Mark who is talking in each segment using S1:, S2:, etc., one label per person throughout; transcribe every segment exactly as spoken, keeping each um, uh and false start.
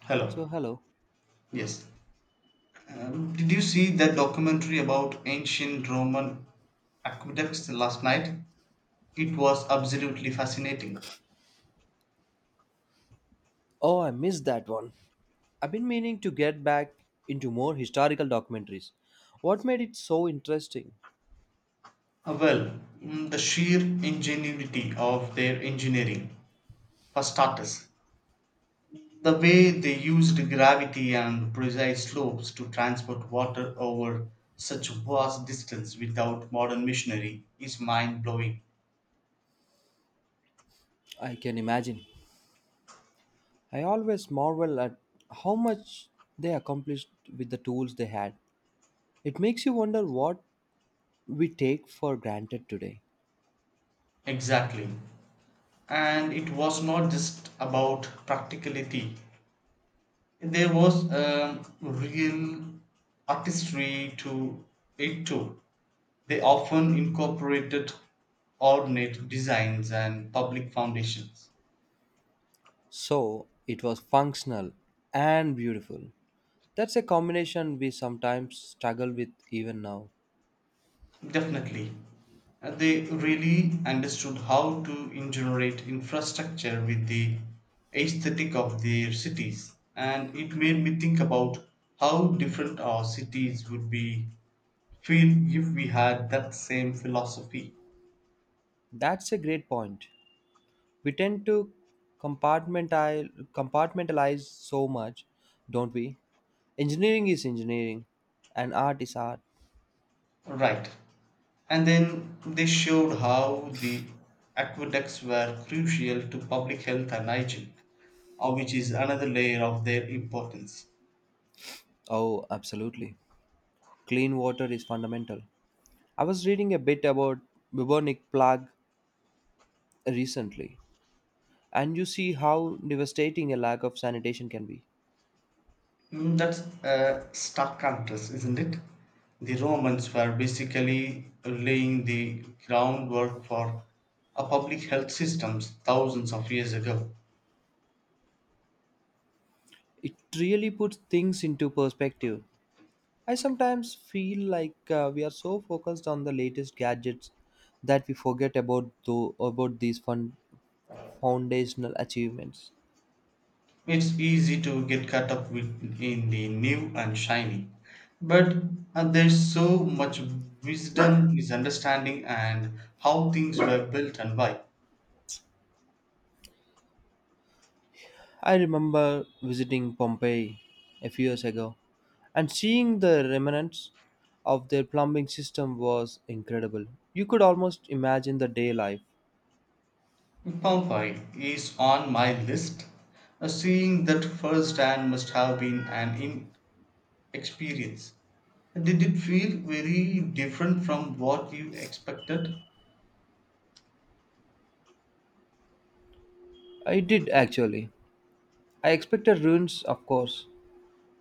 S1: Hello.
S2: So, hello.
S1: Yes. Um, did you see that documentary about ancient Roman aqueducts last night? It was absolutely fascinating.
S2: Oh, I missed that one. I've been meaning to get back into more historical documentaries. What made it so interesting?
S1: Uh, well, mm, the sheer ingenuity of their engineering, for starters, the way they used gravity and precise slopes to transport water over such vast distance without modern machinery is mind blowing.
S2: I can imagine. I always marvel at how much they accomplished with the tools they had. It makes you wonder what we take for granted today.
S1: Exactly. And it was not just about practicality. There was a real artistry to it too. They often incorporated ornate designs and public foundations.
S2: So, it was functional and beautiful. That's a combination we sometimes struggle with even now.
S1: Definitely. Uh, They really understood how to generate infrastructure with the aesthetic of their cities. And it made me think about how different our cities would be feel if we had that same philosophy.
S2: That's a great point. We tend to compartmentalize, compartmentalize so much, don't we? Engineering is engineering, and art is art.
S1: Right. And then they showed how the aqueducts were crucial to public health and hygiene, uh, which is another layer of their importance.
S2: Oh, absolutely. Clean water is fundamental. I was reading a bit about bubonic plague recently, and you see how devastating a lack of sanitation can be.
S1: Mm, that's a stark contrast, isn't it? The Romans were basically laying the groundwork for a public health systems thousands of years ago.
S2: It really puts things into perspective. I sometimes feel like uh, we are so focused on the latest gadgets that we forget about though about these fun foundational achievements.
S1: It's easy to get caught up with, in the new and shiny, but uh, there's so much wisdom is understanding and how things were built and why.
S2: I remember visiting Pompeii a few years ago and seeing the remnants of their plumbing system was incredible. You could almost imagine the day life.
S1: Pompeii is on my list. Uh, seeing that firsthand must have been an in experience. Did it feel very different from what you expected?
S2: I did actually. I expected ruins, of course,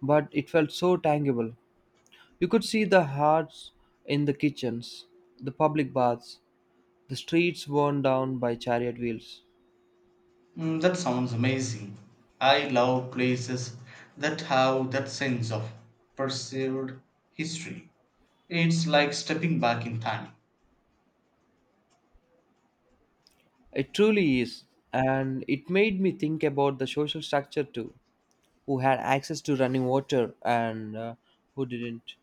S2: but it felt so tangible. You could see the hearts in the kitchens, the public baths, the streets worn down by chariot wheels.
S1: Mm, that sounds amazing. I love places that have that sense of perceived history. It's like stepping back in time.
S2: It truly is, and it made me think about the social structure too. Who had access to running water and uh, who didn't.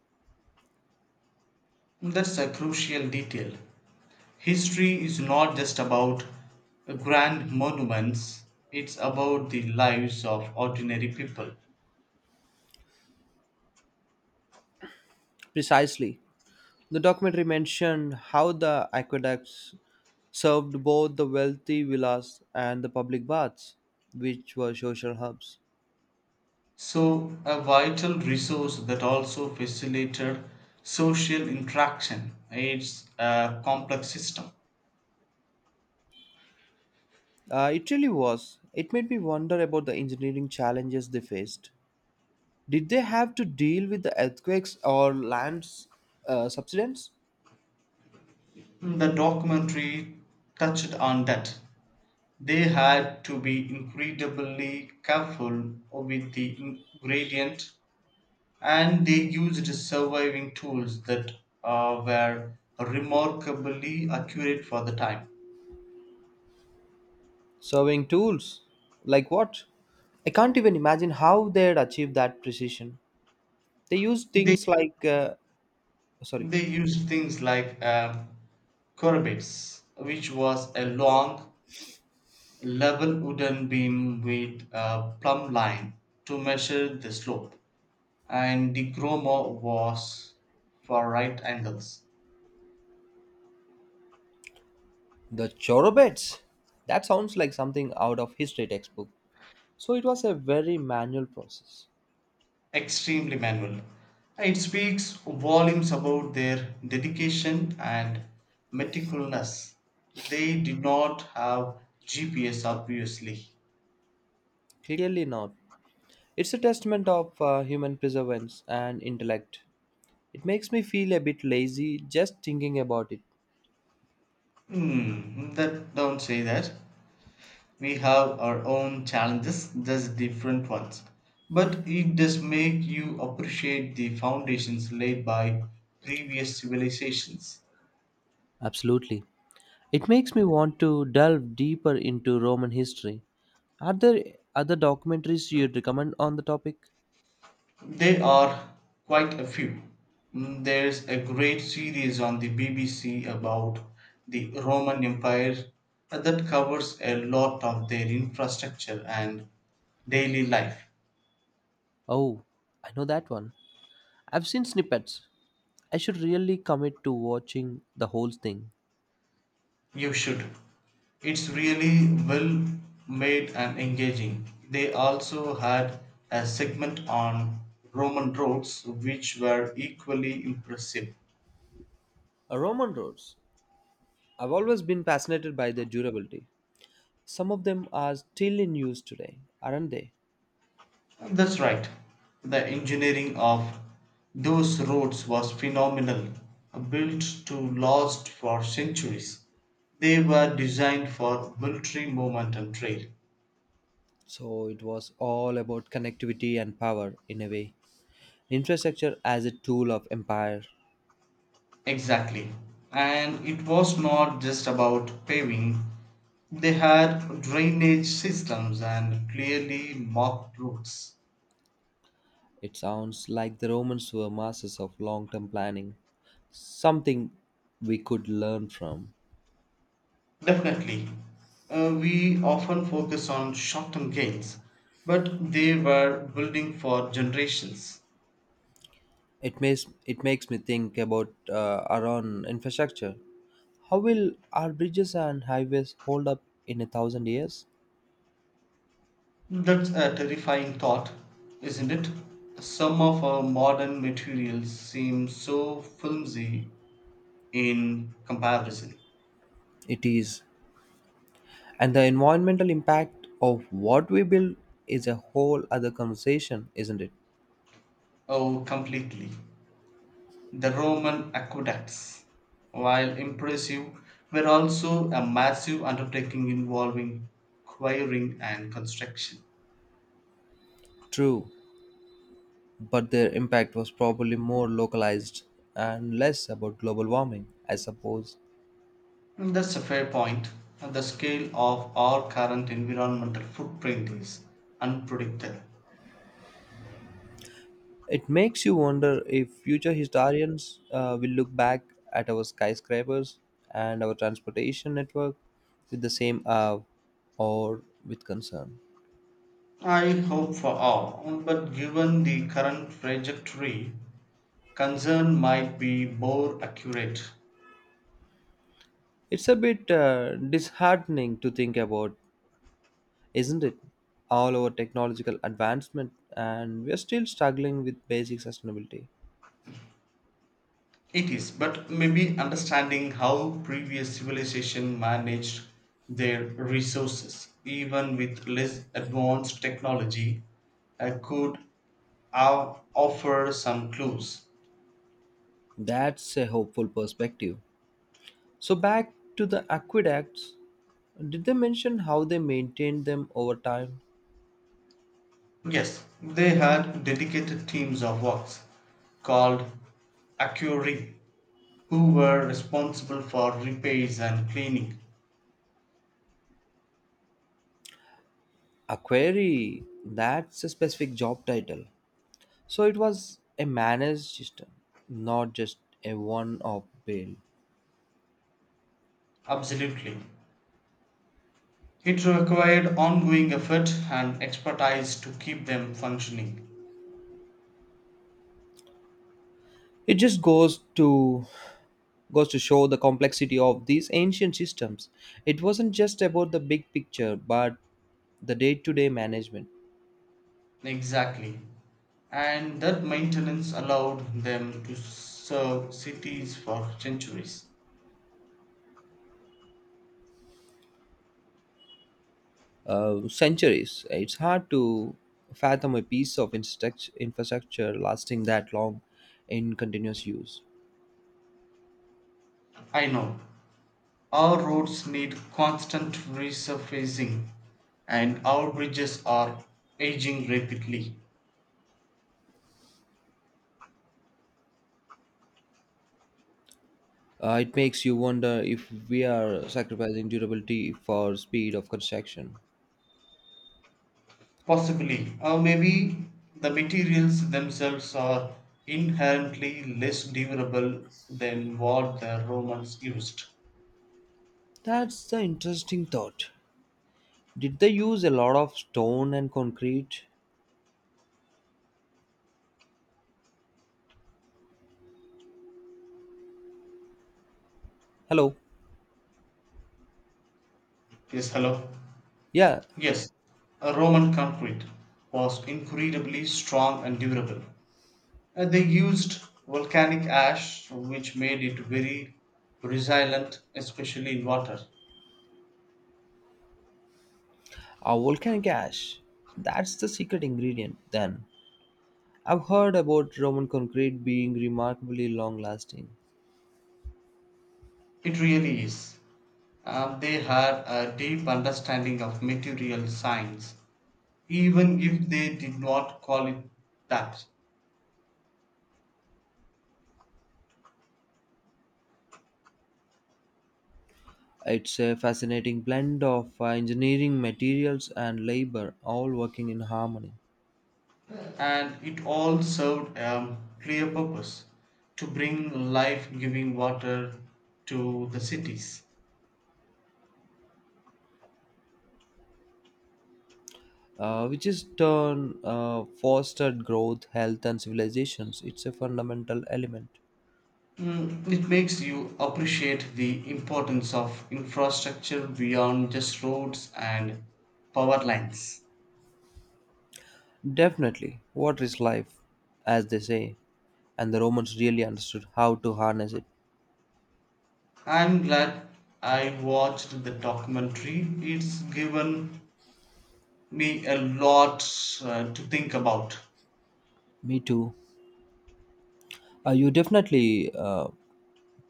S1: That's a crucial detail. History is not just about grand monuments, it's about the lives of ordinary people.
S2: Precisely. The documentary mentioned how the aqueducts served both the wealthy villas and the public baths, which were social hubs.
S1: So, a vital resource that also facilitated social interaction. It's a complex system.
S2: Uh, it really was. It made me wonder about the engineering challenges they faced. Did they have to deal with the earthquakes or land uh, subsidence?
S1: The documentary touched on that. They had to be incredibly careful with the ingredient, and they used surviving tools that uh, were remarkably accurate for the time.
S2: Serving tools? Like what? I can't even imagine how they'd achieve that precision. They use
S1: They
S2: things like, uh, sorry,
S1: they used things like uh, corabits, which was a long level wooden beam with a plumb line to measure the slope, and the chromo was for right angles.
S2: the chorobets. That sounds like something out of history textbook. So it was a very manual process.
S1: Extremely manual. It speaks volumes about their dedication and meticulousness. They did not have G P S, obviously.
S2: Clearly not. It's a testament of uh, human perseverance and intellect. It makes me feel a bit lazy just thinking about it.
S1: Hmm, that don't say that. We have our own challenges, just different ones. But it does make you appreciate the foundations laid by previous civilizations.
S2: Absolutely. It makes me want to delve deeper into Roman history. Are there other documentaries you'd recommend on the topic?
S1: There are quite a few. Mm, There's a great series on the B B C about the Roman Empire uh, that covers a lot of their infrastructure and daily life.
S2: Oh, I know that one. I've seen snippets. I should really commit to watching the whole thing.
S1: You should. It's really well made and engaging. They also had a segment on Roman roads which were equally impressive.
S2: Uh, Roman roads. I've always been fascinated by their durability. Some of them are still in use today, aren't they?
S1: That's right. The engineering of those roads was phenomenal, built to last for centuries. They were designed for military movement and trade.
S2: So it was all about connectivity and power in a way. Infrastructure as a tool of empire.
S1: Exactly. And it was not just about paving, they had drainage systems and clearly marked routes.
S2: It sounds like the Romans were masters of long term planning, something we could learn from.
S1: Definitely. Uh, we often focus on short term gains, but they were building for generations.
S2: It makes it makes me think about uh, our own infrastructure. How will our bridges and highways hold up in a thousand years?
S1: That's a terrifying thought, isn't it? Some of our modern materials seem so flimsy in comparison.
S2: It is, and the environmental impact of what we build is a whole other conversation, isn't it?
S1: Oh, completely. The Roman aqueducts, while impressive, were also a massive undertaking involving quarrying and construction.
S2: True, but their impact was probably more localized and less about global warming, I suppose.
S1: Mm, That's a fair point. And the scale of our current environmental footprint is unpredictable.
S2: It makes you wonder if future historians uh, will look back at our skyscrapers and our transportation network with the same awe or with concern.
S1: I hope for all, but given the current trajectory, concern might be more accurate.
S2: It's a bit uh, disheartening to think about, isn't it? All our technological advancement, and we're still struggling with basic sustainability.
S1: It is, but maybe understanding how previous civilization managed their resources, even with less advanced technology, uh, could o- offer some clues.
S2: That's a hopeful perspective. So, back to the aqueducts, did they mention how they maintained them over time?
S1: Yes, they had dedicated teams of works called Acuri who were responsible for repairs and cleaning.
S2: Aquary, that's a specific job title. So it was a managed system, not just a one-off bill.
S1: Absolutely. It required ongoing effort and expertise to keep them functioning.
S2: It just goes to goes to show the complexity of these ancient systems. It wasn't just about the big picture, but the day-to-day management.
S1: Exactly. And that maintenance allowed them to serve cities for centuries.
S2: Uh, centuries. It's hard to fathom a piece of infrastruct- infrastructure lasting that long in continuous use.
S1: I know. Our roads need constant resurfacing, and our bridges are aging rapidly.
S2: Uh, it makes you wonder if we are sacrificing durability for speed of construction.
S1: Possibly, or maybe the materials themselves are inherently less durable than what the Romans used.
S2: That's the interesting thought. Did they use a lot of stone and concrete? Hello.
S1: Yes, hello.
S2: Yeah,
S1: Yes, uh, Roman concrete was incredibly strong and durable. Uh, they used volcanic ash, which made it very resilient, especially in water.
S2: a volcanic ash. That's the secret ingredient then. I've heard about Roman concrete being remarkably long lasting.
S1: It really is. Um, they had a deep understanding of material science, even if they did not call it that.
S2: It's a fascinating blend of uh, engineering materials and labor all working in harmony.
S1: And it all served a clear purpose to bring life giving water to the cities.
S2: uh, which is turn uh, fostered growth, health, and civilizations. It's a fundamental element.
S1: Mm, it makes you appreciate the importance of infrastructure beyond just roads and power lines.
S2: Definitely, water is life, as they say, and the Romans really understood how to harness it.
S1: I'm glad I watched the documentary. It's given me a lot uh, to think about.
S2: Me too. Uh, you definitely uh,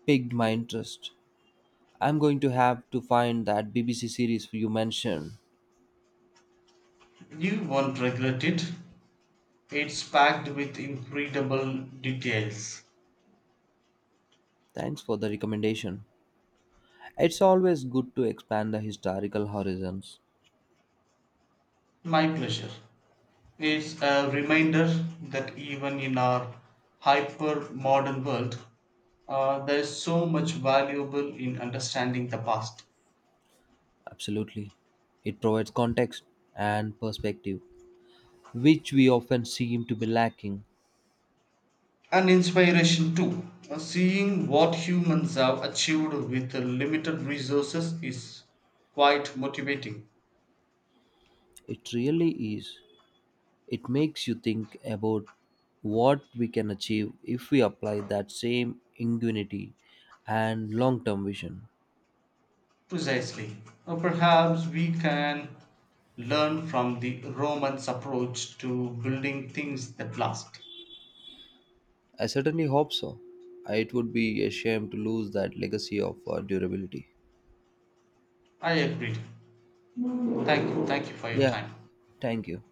S2: piqued my interest. I'm going to have to find that B B C series you mentioned.
S1: You won't regret it. It's packed with incredible details.
S2: Thanks for the recommendation. It's always good to expand the historical horizons.
S1: My pleasure. It's a reminder that even in our hyper modern world, uh, there is so much valuable in understanding the past.
S2: Absolutely. It provides context and perspective, which we often seem to be lacking.
S1: And inspiration too. Uh, Seeing what humans have achieved with the limited resources is quite motivating.
S2: It really is. It makes you think about what we can achieve if we apply that same ingenuity and long term vision.
S1: Precisely. Uh, Perhaps we can learn from the Romans' approach to building things that last.
S2: I certainly hope so. It would be a shame to lose that legacy of uh, durability.
S1: I agree. Thank you. Thank you for your
S2: Yeah,
S1: time.
S2: thank you.